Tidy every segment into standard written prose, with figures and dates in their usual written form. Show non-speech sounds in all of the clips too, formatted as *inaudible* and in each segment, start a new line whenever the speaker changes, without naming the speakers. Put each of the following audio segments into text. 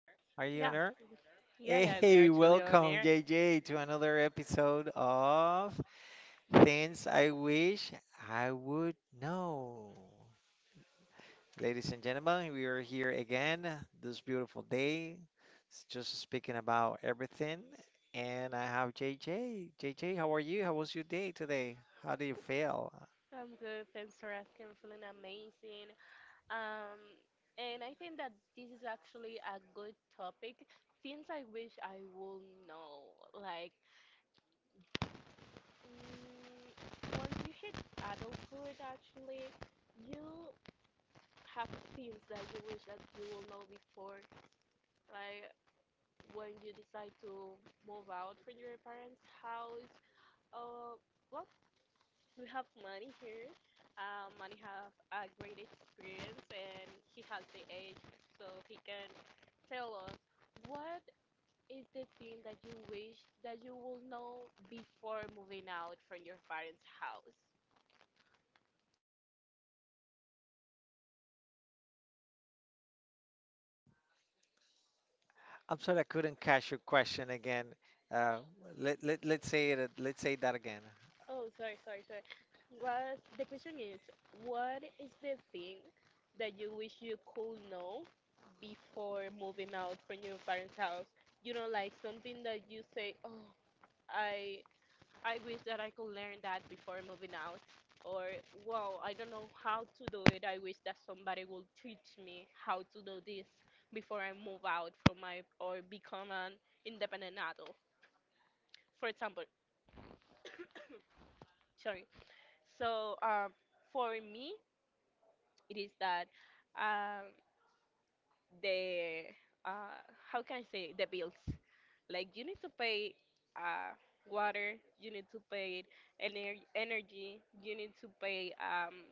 Yeah.
Are you
Mhm.
on air?
Yeah, yeah, we are
Hey,
actually
*laughs*
on air.
welcome, JJ, to another episode of Things I Wish I Would Know. Ladies and gentlemen, we are here again this beautiful day, just speaking about everything. And I have JJ. JJ, how are you? How was your day today? How do you feel?
I'm good. Thanks for asking. I'm feeling amazing. Um, and I think that this is actually a good topic. Things I wish I will know. Like, Once you hit adulthood, actually, you have things that you wish that you will know before. Like, when you decide to move out from your parents' house, uh, what? We have Manny here. Manny have a great experience and he has the age so he can tell us what is the thing that you wish that you will know before moving out from your parents' house?
I'm sorry I couldn't catch your question again. Uh, let's say it, let's say that again.
Oh, sorry, sorry, sorry. Was the question is, what is the thing that you wish you could know before moving out from your parents' house? You know, like something that you say, oh, I I wish that I could learn that before moving out. Or, wow, I don't know how to do it. I wish that somebody will teach me how to do this before I move out from my or become an independent adult. For example, sorry. So, um, for me, it is that um, the uh, how can I say the bills? Like you need to pay uh, water, you need to pay energy, you need to pay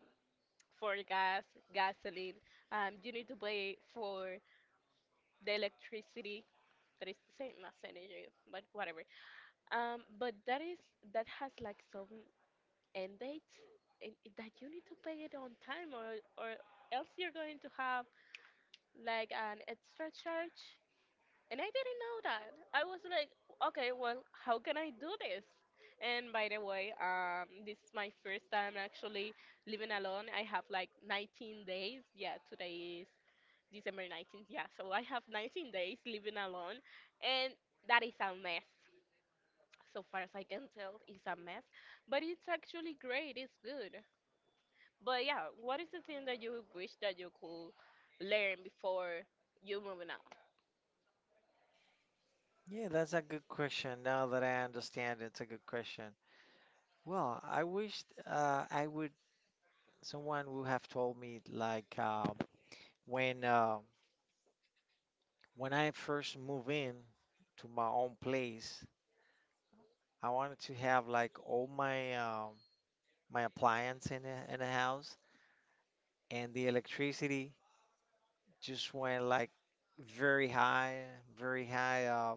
for gas, gasoline. You need to pay for the electricity. That is the same as energy, but whatever. But that is that has like some end date, and that you need to pay it on time, or else you're going to have like an extra charge, and I didn't know that. I was like, okay, well, how can I do this? And by the way, this is my first time actually living alone. I have like 19 days. Yeah, today is December 19th. Yeah, so I have 19 days living alone, and that is a mess. So far as I can tell, it's a mess, but it's actually great. It's good. But yeah, what is the thing that you wish that you could learn before you moving out?
Yeah, that's a good question. Now that I understand, it's a good question. Well, I wish I would someone would have told me like when uh, when I first move in to my own place. I wanted to have like all my my appliance in the house, and the electricity just went like very high, very high.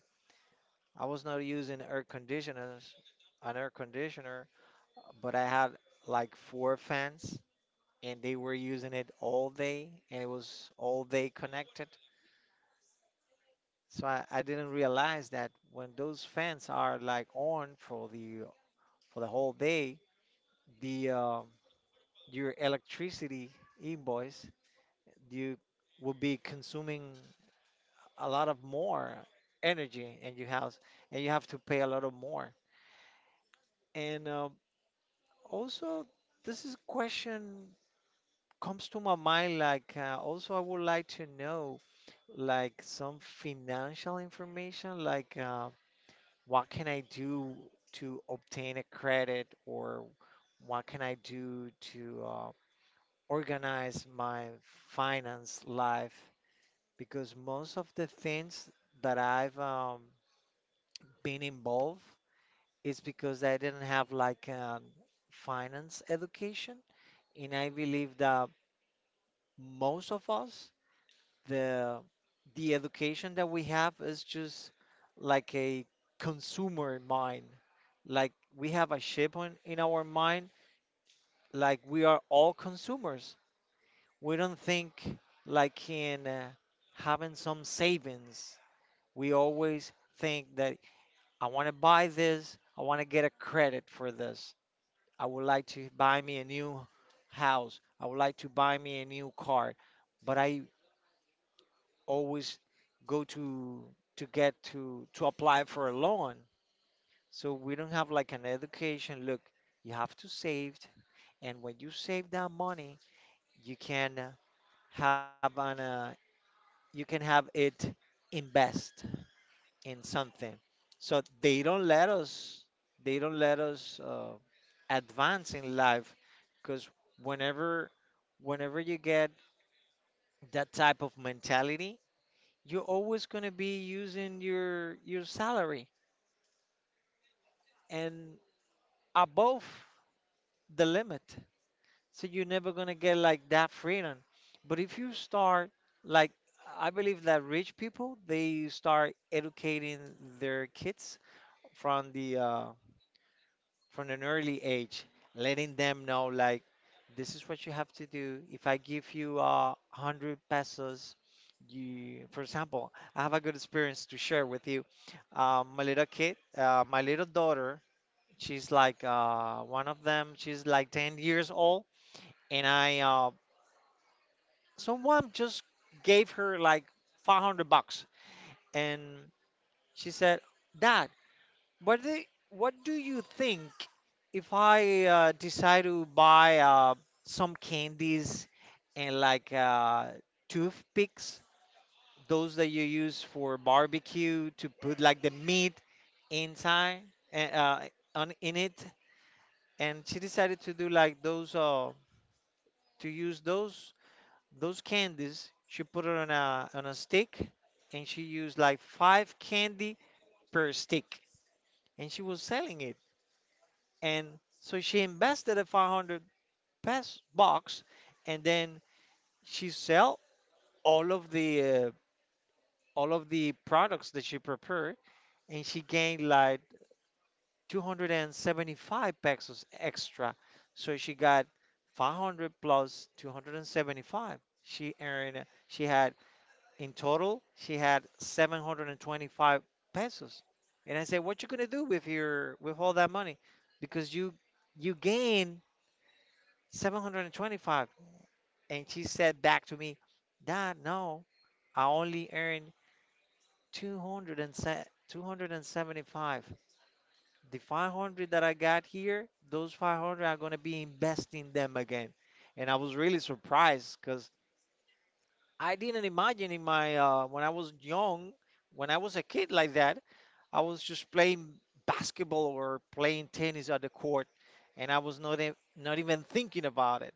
I was not using air conditioners, an air conditioner, but I had like four fans and they were using it all day and it was all day connected. So I didn't realize that when those fans are like on for the whole day, the your electricity invoice, you will be consuming a lot of more energy in your house and you have to pay a lot of more. And also this is a question comes to my mind, like also I would like to know like some financial information, like what can I do to obtain a credit, or what can I do to organize my finance life? Because most of the things that I've been involved is because I didn't have like a finance education, and I believe that most of us, the the education that we have is just like a consumer mind. Like we have a ship on, in our mind, like we are all consumers. We don't think like in having some savings. We always think that I want to buy this, I want to get a credit for this. I would like to buy me a new house. I would like to buy me a new car. But I always go to get to apply for a loan. So we don't have like an education. Look, you have to save, and when you save that money, you can have an you can have it invest in something. So they don't let us advance in life, because whenever whenever you get that type of mentality, you're always going to be using your salary and above the limit. So you're never gonna get like that freedom. But if you start like, I believe that rich people, they start educating their kids from the uh, from an early age, letting them know like, this is what you have to do. If I give you 100 pesos, you, for example, I have a good experience to share with you. My little kid, my little daughter, she's like one of them. She's like 10 years old. And someone just gave her like 500 bucks. And she said, "Dad, what do, what do you think if I decide to buy some candies and like toothpicks, those that you use for barbecue to put like the meat inside and on in it?" And she decided to do like those. To use those candies. She put it on a stick, and she used like five candy per stick, and she was selling it. And so she invested a 500 pass box, and then she sell all of the products that she prepared, and she gained like 275 pesos extra. So she got 500 plus 275. She earned. She had In total, she had 725 pesos. And I said, "What you gonna do with your with all that money? Because you gain 725." And 25." And she said back to me, "Dad, no, I only earned 200 and 275. The 500 that I got here, those 500 are gonna be investing them again." And I was really surprised because I didn't imagine in my when I was young, when I was a kid like that, I was just playing basketball or playing tennis at the court, and I was not not even thinking about it.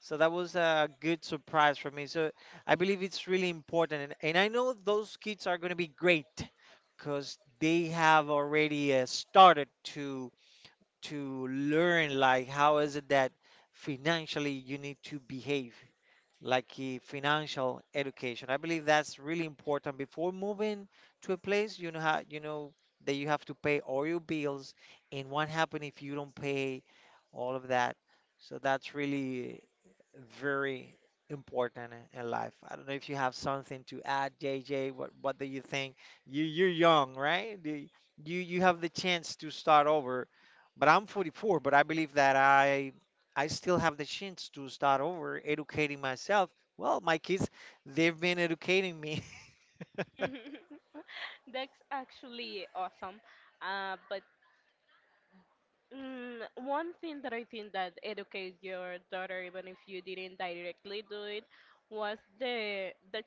So that was a good surprise for me. So I believe it's really important, and I know those kids are going to be great because they have already started to learn like how is it that financially you need to behave, like financial education. I believe that's really important. Before moving to a place, you know how, you know that you have to pay all your bills, and what happens if you don't pay all of that? So that's really very important in life. I don't know if you have something to add, JJ. What do you think? You're young, right? You have the chance to start over. But I'm 44, but I believe that I still have the chance to start over, educating myself. Well, my kids, they've been educating me. *laughs*
*laughs* That's actually awesome. Uh, but mm, One thing that I think that educates your daughter, even if you didn't directly do it, was the the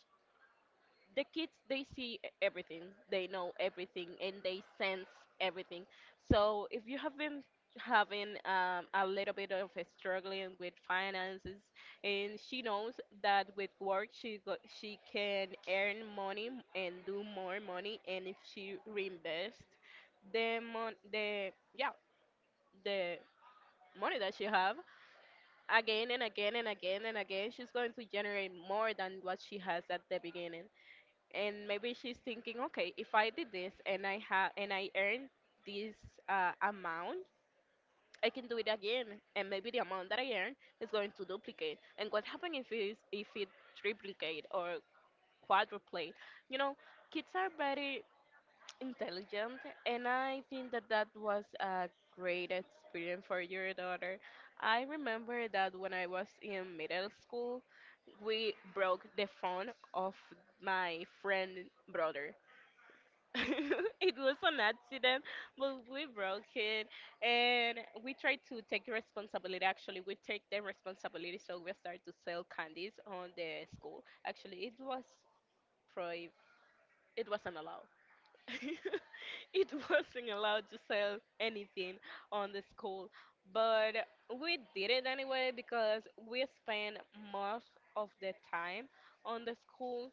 the kids, everything they know, everything, and they sense everything. So if you have been having a little bit of a struggling with finances, and she knows that with work she can earn money and do more money. And if she reinvests the mon- the yeah the money that she have again and again and again and again, she's going to generate more than what she has at the beginning. And maybe she's thinking, okay, if I did this and I have and I earned this amount, I can do it again. And maybe the amount that I earn is going to duplicate. And what happens if it triplicate or quadruplate? You know, kids are very intelligent, and I think that that was a great experience for your daughter. I remember that when I was in middle school, we broke the phone of my friend brother. *laughs* It was an accident, but we broke it, and we tried to take the responsibility. Actually, we take the responsibility, so we started to sell candies on the school. Actually, it was prohib it wasn't allowed. *laughs* It wasn't allowed to sell anything on the school, but we did it anyway because we spent most of the time on the school,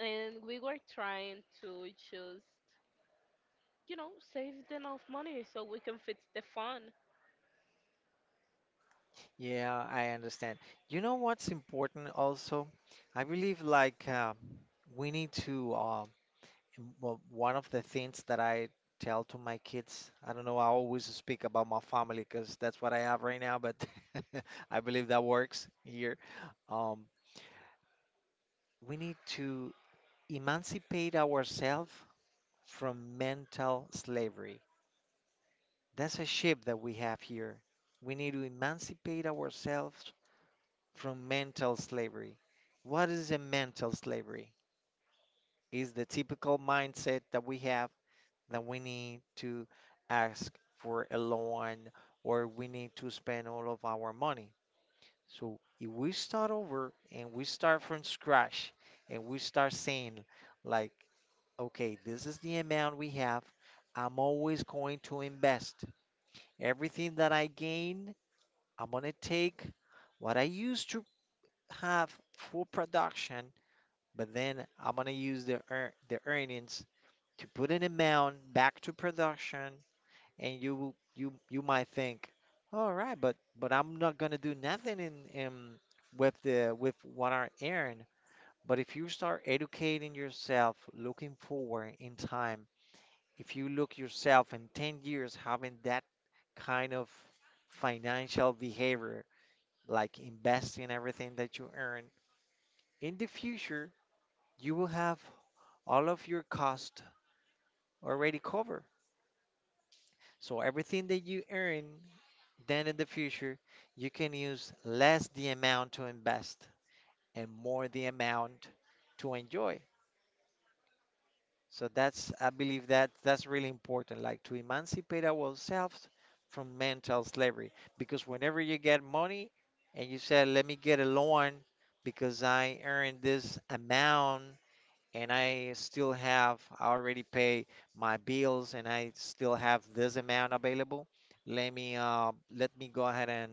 and we were trying to choose, you know, saved enough money so we can fix the fun.
Yeah, I understand. You know what's important also? I believe, like we need to And wha- one of the things that I tell to my kids, I don't know, I always speak about my family because that's what I have right now, but *laughs* I believe that works here. Um, we need to emancipate ourselves from mental slavery. That's a ship that we have here. We need to emancipate ourselves from mental slavery. What is a mental slavery? Is the typical mindset that we have, that we need to ask for a loan, or we need to spend all of our money. So if we start over and we start from scratch, and we start saying, like, okay, this is the amount we have, I'm always going to invest. Everything that I gain, I'm going to take what I used to have full production, but then I'm going to use the earnings to put an amount back to production. And you might think, all right, but I'm not gonna do nothing in in with what I earn. But if you start educating yourself, looking forward in time, if you look yourself in 10 years having that kind of financial behavior, like investing everything that you earn, in the future you will have all of your cost already covered. So everything that you earn then in the future, you can use less the amount to invest and more the amount to enjoy. So that's I believe that that's really important, like to emancipate ourselves from mental slavery. Because whenever you get money and you say, let me get a loan because I earned this amount, and I still have I already pay my bills and I still have this amount available. Let me go ahead and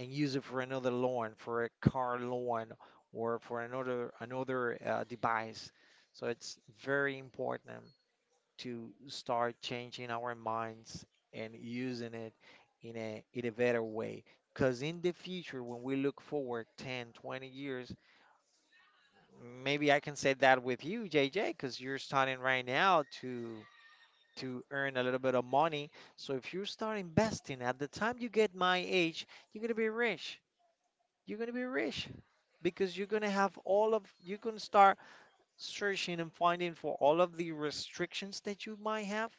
use it for another loan, for a car loan, or for another device. So it's very important to start changing our minds and using it in a better way. Because in the future, when we look forward 10, 20 years, maybe I can say that with you, JJ, because you're starting right now to earn a little bit of money. So if you start investing at the time you get my age, you're gonna be rich, you're gonna be rich, because you're gonna have all of you're gonna start searching and finding for all of the restrictions that you might have,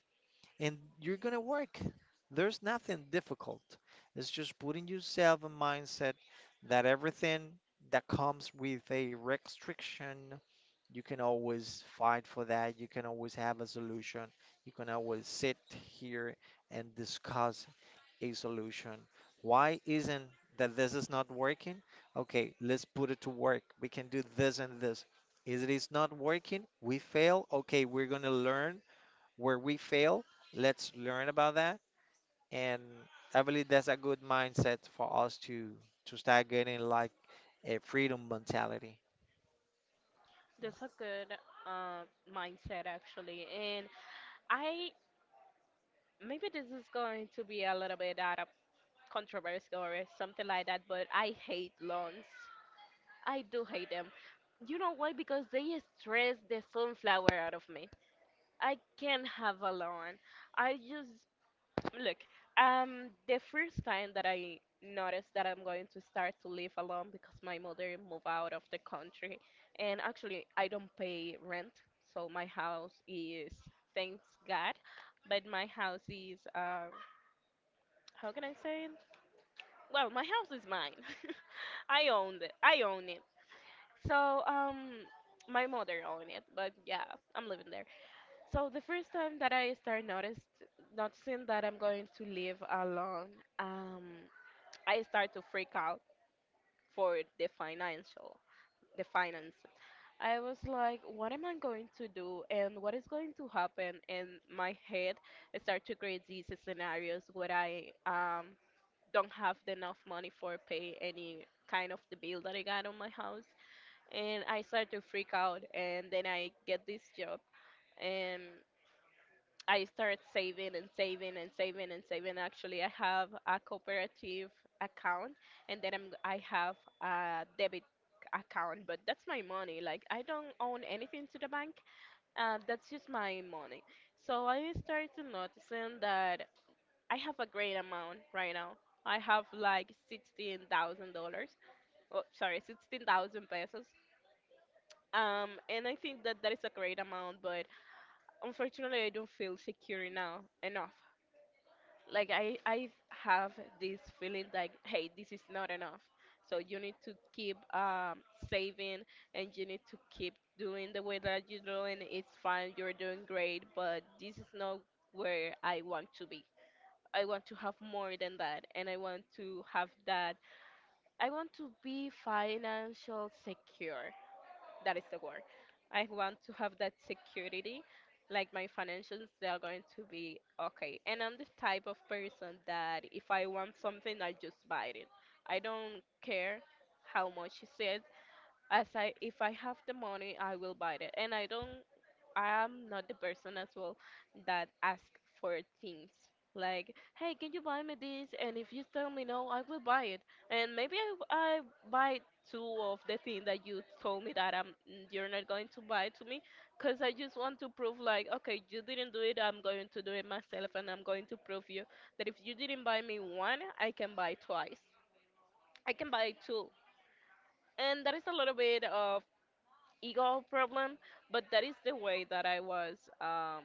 and you're gonna work. There's nothing difficult. It's just putting yourself a mindset that everything that comes with a restriction, you can always fight for that, you can always have a solution, you can always sit here and discuss a solution. Why isn't that this is not working? Okay, let's put it to work. We can do this and this. Is not working? We fail. Okay, we're gonna learn where we fail. Let's learn about that. And I believe that's a good mindset for us to start getting like a freedom mentality.
That's a good uh, mindset, actually. And I, maybe this is going to be a little bit out of controversial or something like that, but I hate loans. I do hate them. You know why? Because they stress the sunflower out of me. I can't have a loan. I just look, the first time that I noticed that I'm going to start to live alone, because my mother moved out of the country, and actually I don't pay rent, so my house is, thanks God, but my house is, how can I say it? Well, my house is mine. *laughs* I owned it. I own it. So, my mother owned it, but yeah, I'm living there. So the first time that I start noticed noticing that I'm going to live alone, um, I start to freak out for the financial, the finances. I was like, what am I going to do, and what is going to happen? And my head start to create these scenarios where I don't have enough money for pay any kind of the bill that I got on my house, and I start to freak out, and then I get this job, and I started saving and saving and saving and saving. Actually, I have a cooperative account, and then I have a debit account, but that's my money. Like I don't own anything to the bank. That's just my money. So I started to noticing that I have a great amount right now. I have like $16,000. Oh, sorry, 16,000 pesos. And I think that that is a great amount, but unfortunately, I don't feel secure now enough. Like I have this feeling like, hey, this is not enough, so you need to keep saving, and you need to keep doing the way that you're doing. It's fine, you're doing great, but this is not where I want to be. I want to have more than that, and I want to have that. I want to be financial secure. That is the word. I want to have that security, like my financials, they are going to be okay. And I'm the type of person that if I want something, I just buy it. I don't care how much is it. As I if I have the money, I will buy it. And I don't I am not the person as well that ask for things. Like, hey, can you buy me this? And if you tell me no, I will buy it. And maybe I buy two of the thing that you told me that I'm you're not going to buy to me, because I just want to prove like, okay, you didn't do it. I'm going to do it myself, and I'm going to prove you that if you didn't buy me one, I can buy twice. I can buy two. And that is a little bit ego problem, but that is the way that I was. Um,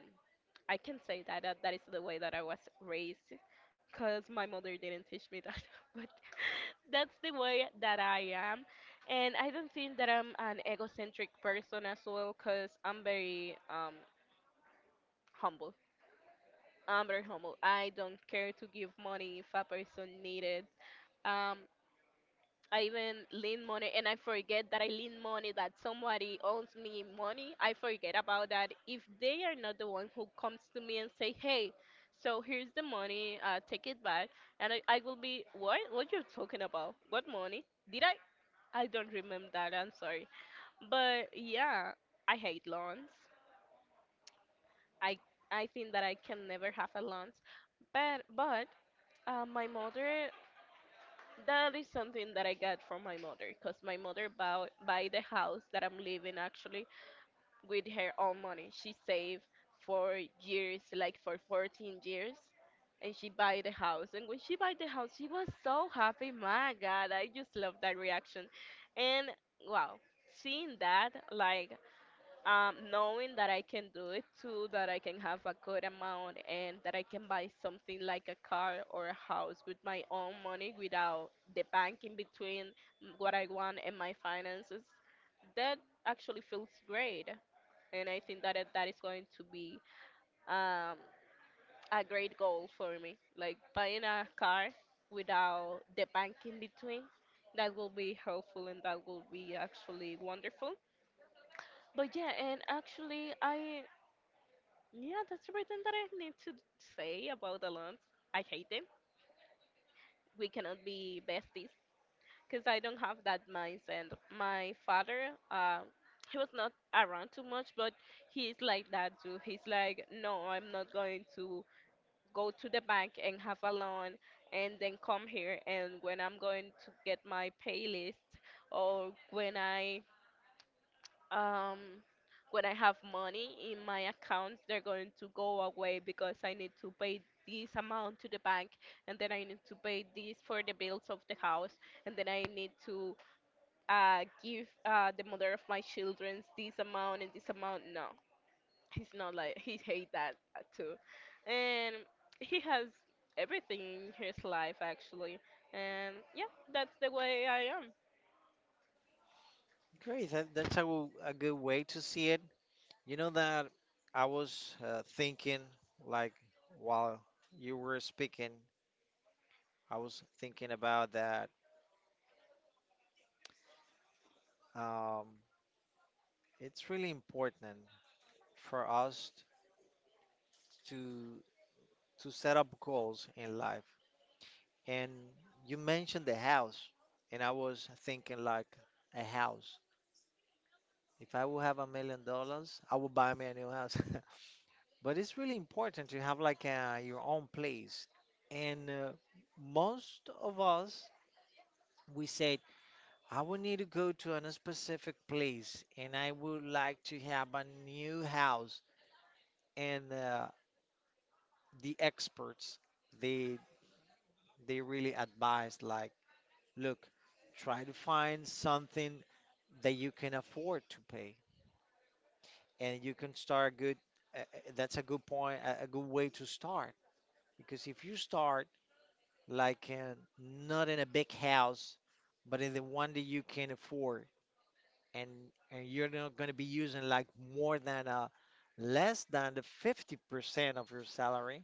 I can say that, that is the way that I was raised, cause my mother didn't teach me that. *laughs* But *laughs* that's the way that I am, and I don't think that I'm an egocentric person as well, cause I'm very humble. I'm very humble. I don't care to give money if a person needs it. Um, I even lend money, and I forget that I lend money, that somebody owes me money. I forget about that. If they are not the one who comes to me and say, hey, so here's the money, take it back. And I will be, what? What you're talking about? What money? Did I? I don't remember that. I'm sorry. But yeah, I hate loans. I, I think that I can never have a loan. But my mother, that is something that I got from my mother, because my mother bought buy the house that I'm living actually with her own money. She saved for years, like for 14 years, and she buy the house. And when she buy the house, she was so happy. My God, I just love that reaction. And wow, seeing that, like, knowing that I can do it too, that I can have a good amount and that I can buy something like a car or a house with my own money without the bank in between what I want and my finances, that actually feels great. And I think that that is going to be um, a great goal for me. Like buying a car without the bank in between, that will be helpful and that will be actually wonderful. But yeah, and actually, that's everything that I need to say about the lunch. I hate them. We cannot be besties because I don't have that mindset. My father, he was not around too much, but he's like that too. He's like, no, I'm not going to go to the bank and have a loan and then come here. And when I'm going to get my pay list or um, when I have money in my accounts, they're going to go away because I need to pay this amount to the bank, and then I need to pay this for the bills of the house, and then I need to give the mother of my children this amount and this amount. No, he's not like he hate that too, and he has everything in his life actually, and yeah, that's the way I am.
Great, that's a good way to see it. You know that I was thinking, like, while you were speaking I was thinking about that. Um, it's really important for us to set up goals in life. And you mentioned the house, and I was thinking like a house. If I would have $1 million, I would buy me a new house. *laughs* But it's really important to have like your own place. And most of us, we said, I would need to go to a specific place, and I would like to have a new house. And The experts they they really advise, like, look, try to find something that you can afford to pay and you can start good. uh, uh, that's a good point, a good way to start, because if you start, like uh, not in a big house but in the one that you can afford, and and you're not going to be using like more than a less than the 50% of your salary,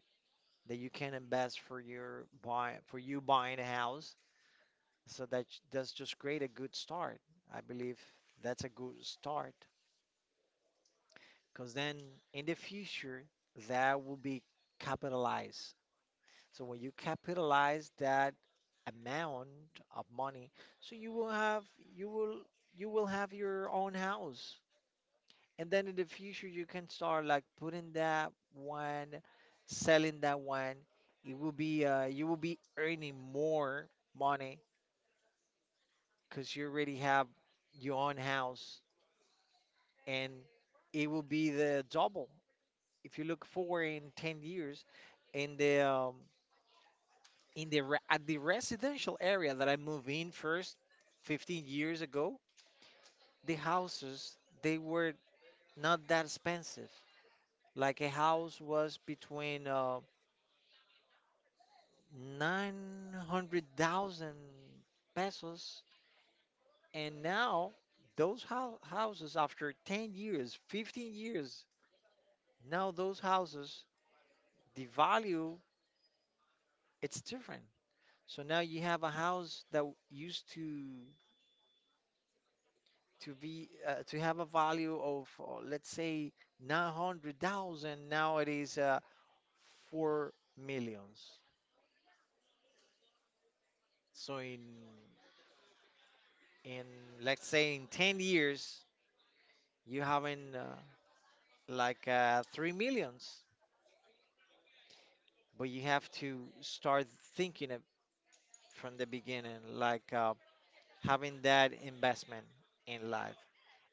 that you can invest for your buy for you buying a house. So that that's just great, a good start. I believe that's a good start, because then in the future that will be capitalized. So when you capitalize that amount of money, so you will you will have your own house. And then in the future you can start like putting that one selling that one. It will be you will be earning more money, because you already have your own house, and it will be the double. If you look forward in 10 years, in the um, in the at the residential area that I moved in first, 15 years ago, the houses, they were not that expensive. Like a house was between 900,000 pesos. And now, those houses, after 10 years, 15 years, now those houses, the value, it's different. So now you have a house that used to be to have a value of let's say 900,000. Now it is 4 millions. So in, let's say, in 10 years, you haven't 3 millions, but you have to start thinking it from the beginning, like having that investment in life.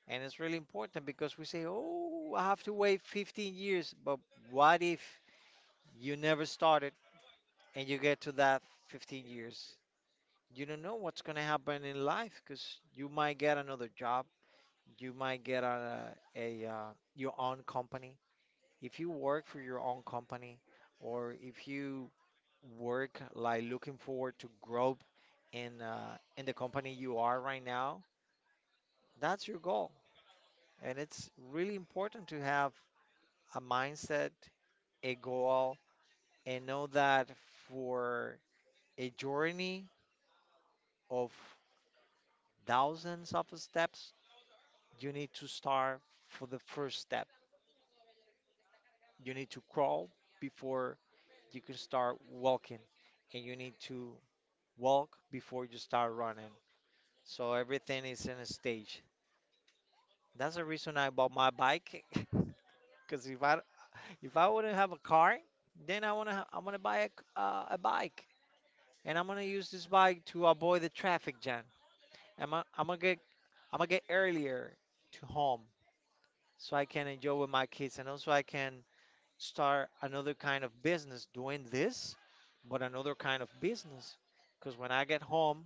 And it's really important, because we say, oh, I have to wait 15 years, but what if you never started and you get to that 15 years? You don't know what's going to happen in life, because you might get another job, you might get a your own company. If you work for your own company, or if you work, like looking forward to grow in the company you are right now, that's your goal. And it's really important to have a mindset, a goal, and know that for a journey of thousands of steps, you need to start for the first step. You need to crawl before you can start walking, and you need to walk before you start running. So everything is in a stage. That's the reason I bought my bike. *laughs* Because if I wouldn't have a car, then I I'm gonna buy a bike, and I'm gonna use this bike to avoid the traffic jam. I'm gonna get earlier to home, so I can enjoy with my kids, and also I can start another kind of business doing this, but another kind of business. Because when I get home,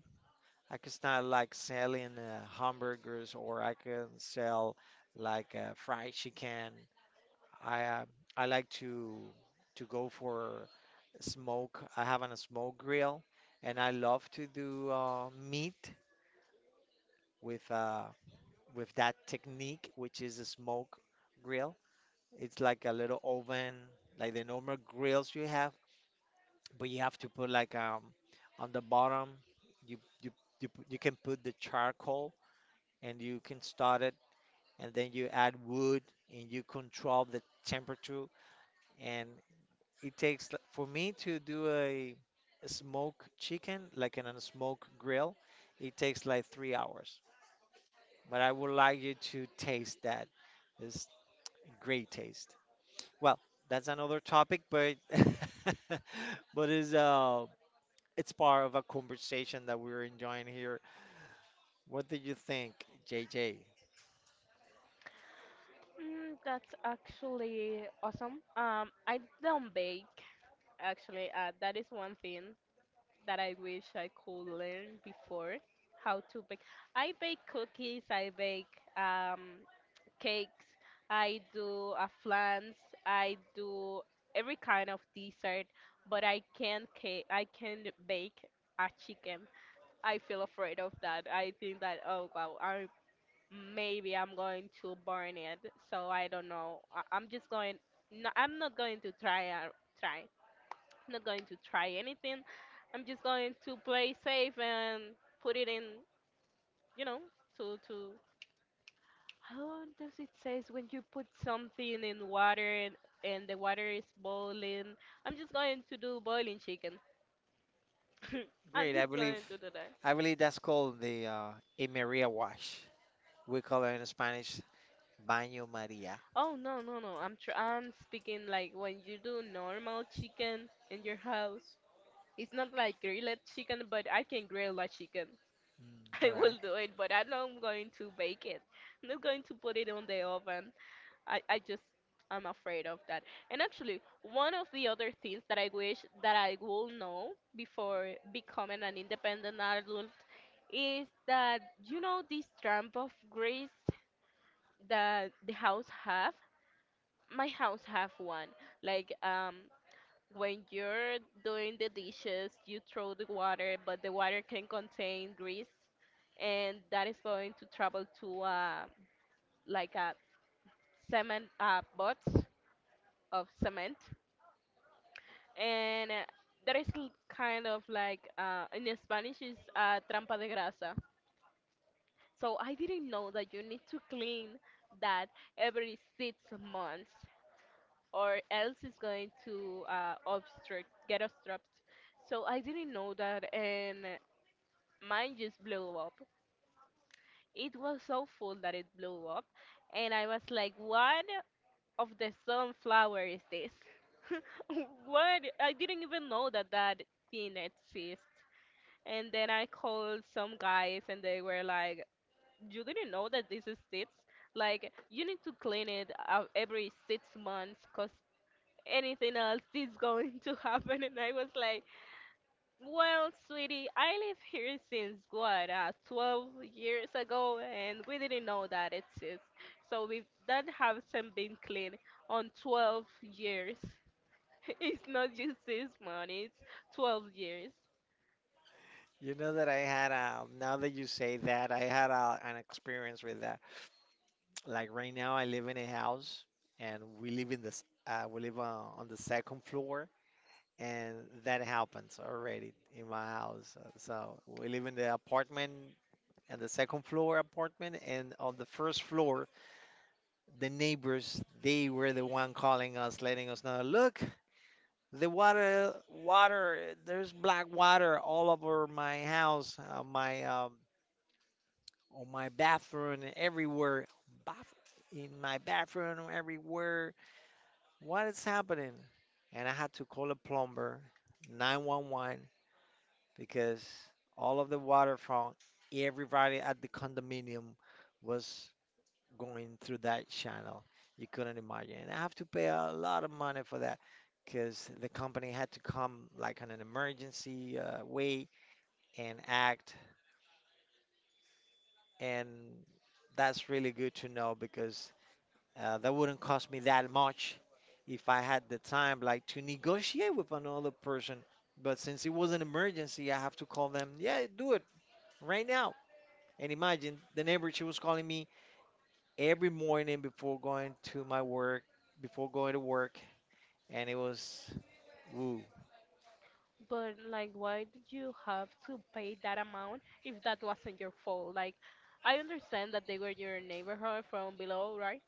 I can start like selling hamburgers, or I can sell fried chicken. I uh, I like to go for smoke. I have a smoke grill, and I love to do meat with uh, with that technique, which is a smoke grill. It's like a little oven, like the normal grills you have, but you have to put like on the bottom. You you you you can put the charcoal, and you can start it, and then you add wood, and you control the temperature, and it takes for me to do a smoke chicken, like in a smoke grill, it takes like 3 hours. But I would like you to taste that. It's great taste. Well, that's another topic, but *laughs* but it's part of a conversation that we're enjoying here. What do you think, JJ?
Mm, that's actually awesome. I don't bake, actually. That is one thing that I wish I could learn before, how to bake. I bake cookies, I bake cakes, I do flans, I do every kind of dessert, but I can't bake a chicken. I feel afraid of that. I think that, oh wow, I maybe I'm going to burn it. So I don't know. I'm just going. No, I'm not going to try. Try. I'm not going to try anything. I'm just going to play safe and put it in. You know, to to. How does it says when you put something in water and the water is boiling? I'm just going to do boiling chicken. *laughs* I'm
Great,
just going to do that.
I believe that's called the a Maria wash. We call it in Spanish baño Maria.
Oh no no no! I'm speaking like when you do normal chicken in your house. It's not like grilled chicken, but I can grill a chicken. *laughs*
Mm,
I
all right.
will do it, but I'm not going to bake it. I'm not going to put it on the oven. I just I'm afraid of that. And actually, one of the other things that I wish that I will know before becoming an independent adult is that, you know, this tramp of grease that the house have. My house have one. Like, when you're doing the dishes, you throw the water, but the water can contain grease, and that is going to travel to like a cement box of cement, and that is kind of like, in Spanish is, trampa de grasa. So I didn't know that you need to clean that every six months, or else it's going to get obstruct. So I didn't know that, and mine just blew up. It was so full that it blew up, and I was like, "What of the sunflower is this? *laughs* What? I didn't even know that that thing exists." And then I called some guys, and they were like, "You didn't know that this exists? Like, you need to clean it out every six months, cause anything else is *laughs* going to happen." And I was like, well, sweetie, I live here since what, 12 years ago, and we didn't know that exists. So we that hasn't been clean on 12 years. *laughs* It's not just this month, it's 12 years.
You know that now that you say that, I had an experience with that. Like right now, I live in a house, and we live in this, we live on the second floor, and that happens already in my house. So we live in the apartment, and the second floor apartment, and on the first floor, the neighbors, they were the one calling us, letting us know, look, the water, there's black water all over my house. On my bathroom and everywhere. Bath- in my bathroom, everywhere. What is happening? And I had to call a plumber, 911, because all of the water from everybody at the condominium was going through that channel. You couldn't imagine. And I have to pay a lot of money for that, because the company had to come like on an emergency way and act. And that's really good to know, because that wouldn't cost me that much if I had the time, like to negotiate with another person. But since it was an emergency, I have to call them, yeah, do it right now. And imagine the neighbor, she was calling me every morning before going to my work, before going to work, and it was, woo.
But like, why did you have to pay that amount if that wasn't your fault? Like, I understand that they were your neighborhood from below, right?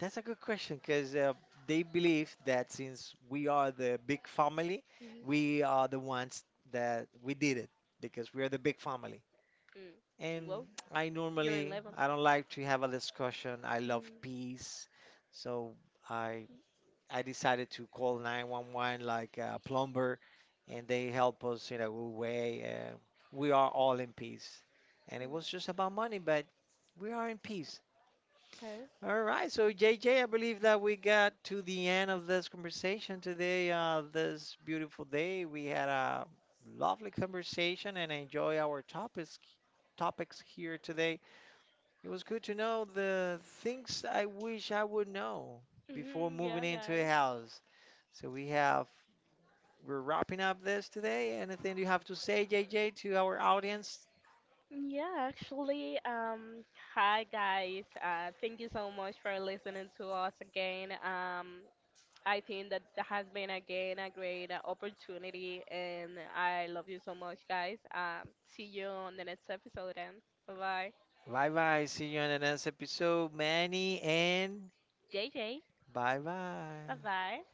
That's a good question, because they believe that since we are the big family, we are the ones that we did
Mhm.
it, because we are the big family.
Mm.
And
Well,
I
you're
normally
11.
I don't like to have a discussion. I love
Mm.
peace. So I I decided to call 911, like a plumber, and they help us in a good way, and we are all in peace. And it was just about money, but we are in peace.
Okay.
All right, so JJ, I believe that we got to the end of this conversation today. This beautiful day, we had a lovely conversation and enjoy our topics here today. It was good to know the things I wish I would know before
Mhm,
moving
yeah,
into a
guys.
house. So we're wrapping up this today. Anything you have to say, JJ, to our audience?
Yeah, actually, hi guys. Thank you so much for listening to us again. I think that that has been again a great opportunity, and I love you so much, guys. See you on the next episode, and bye bye.
Bye bye. See you on the next episode, Manny, and
JJ,
bye bye.
bye bye.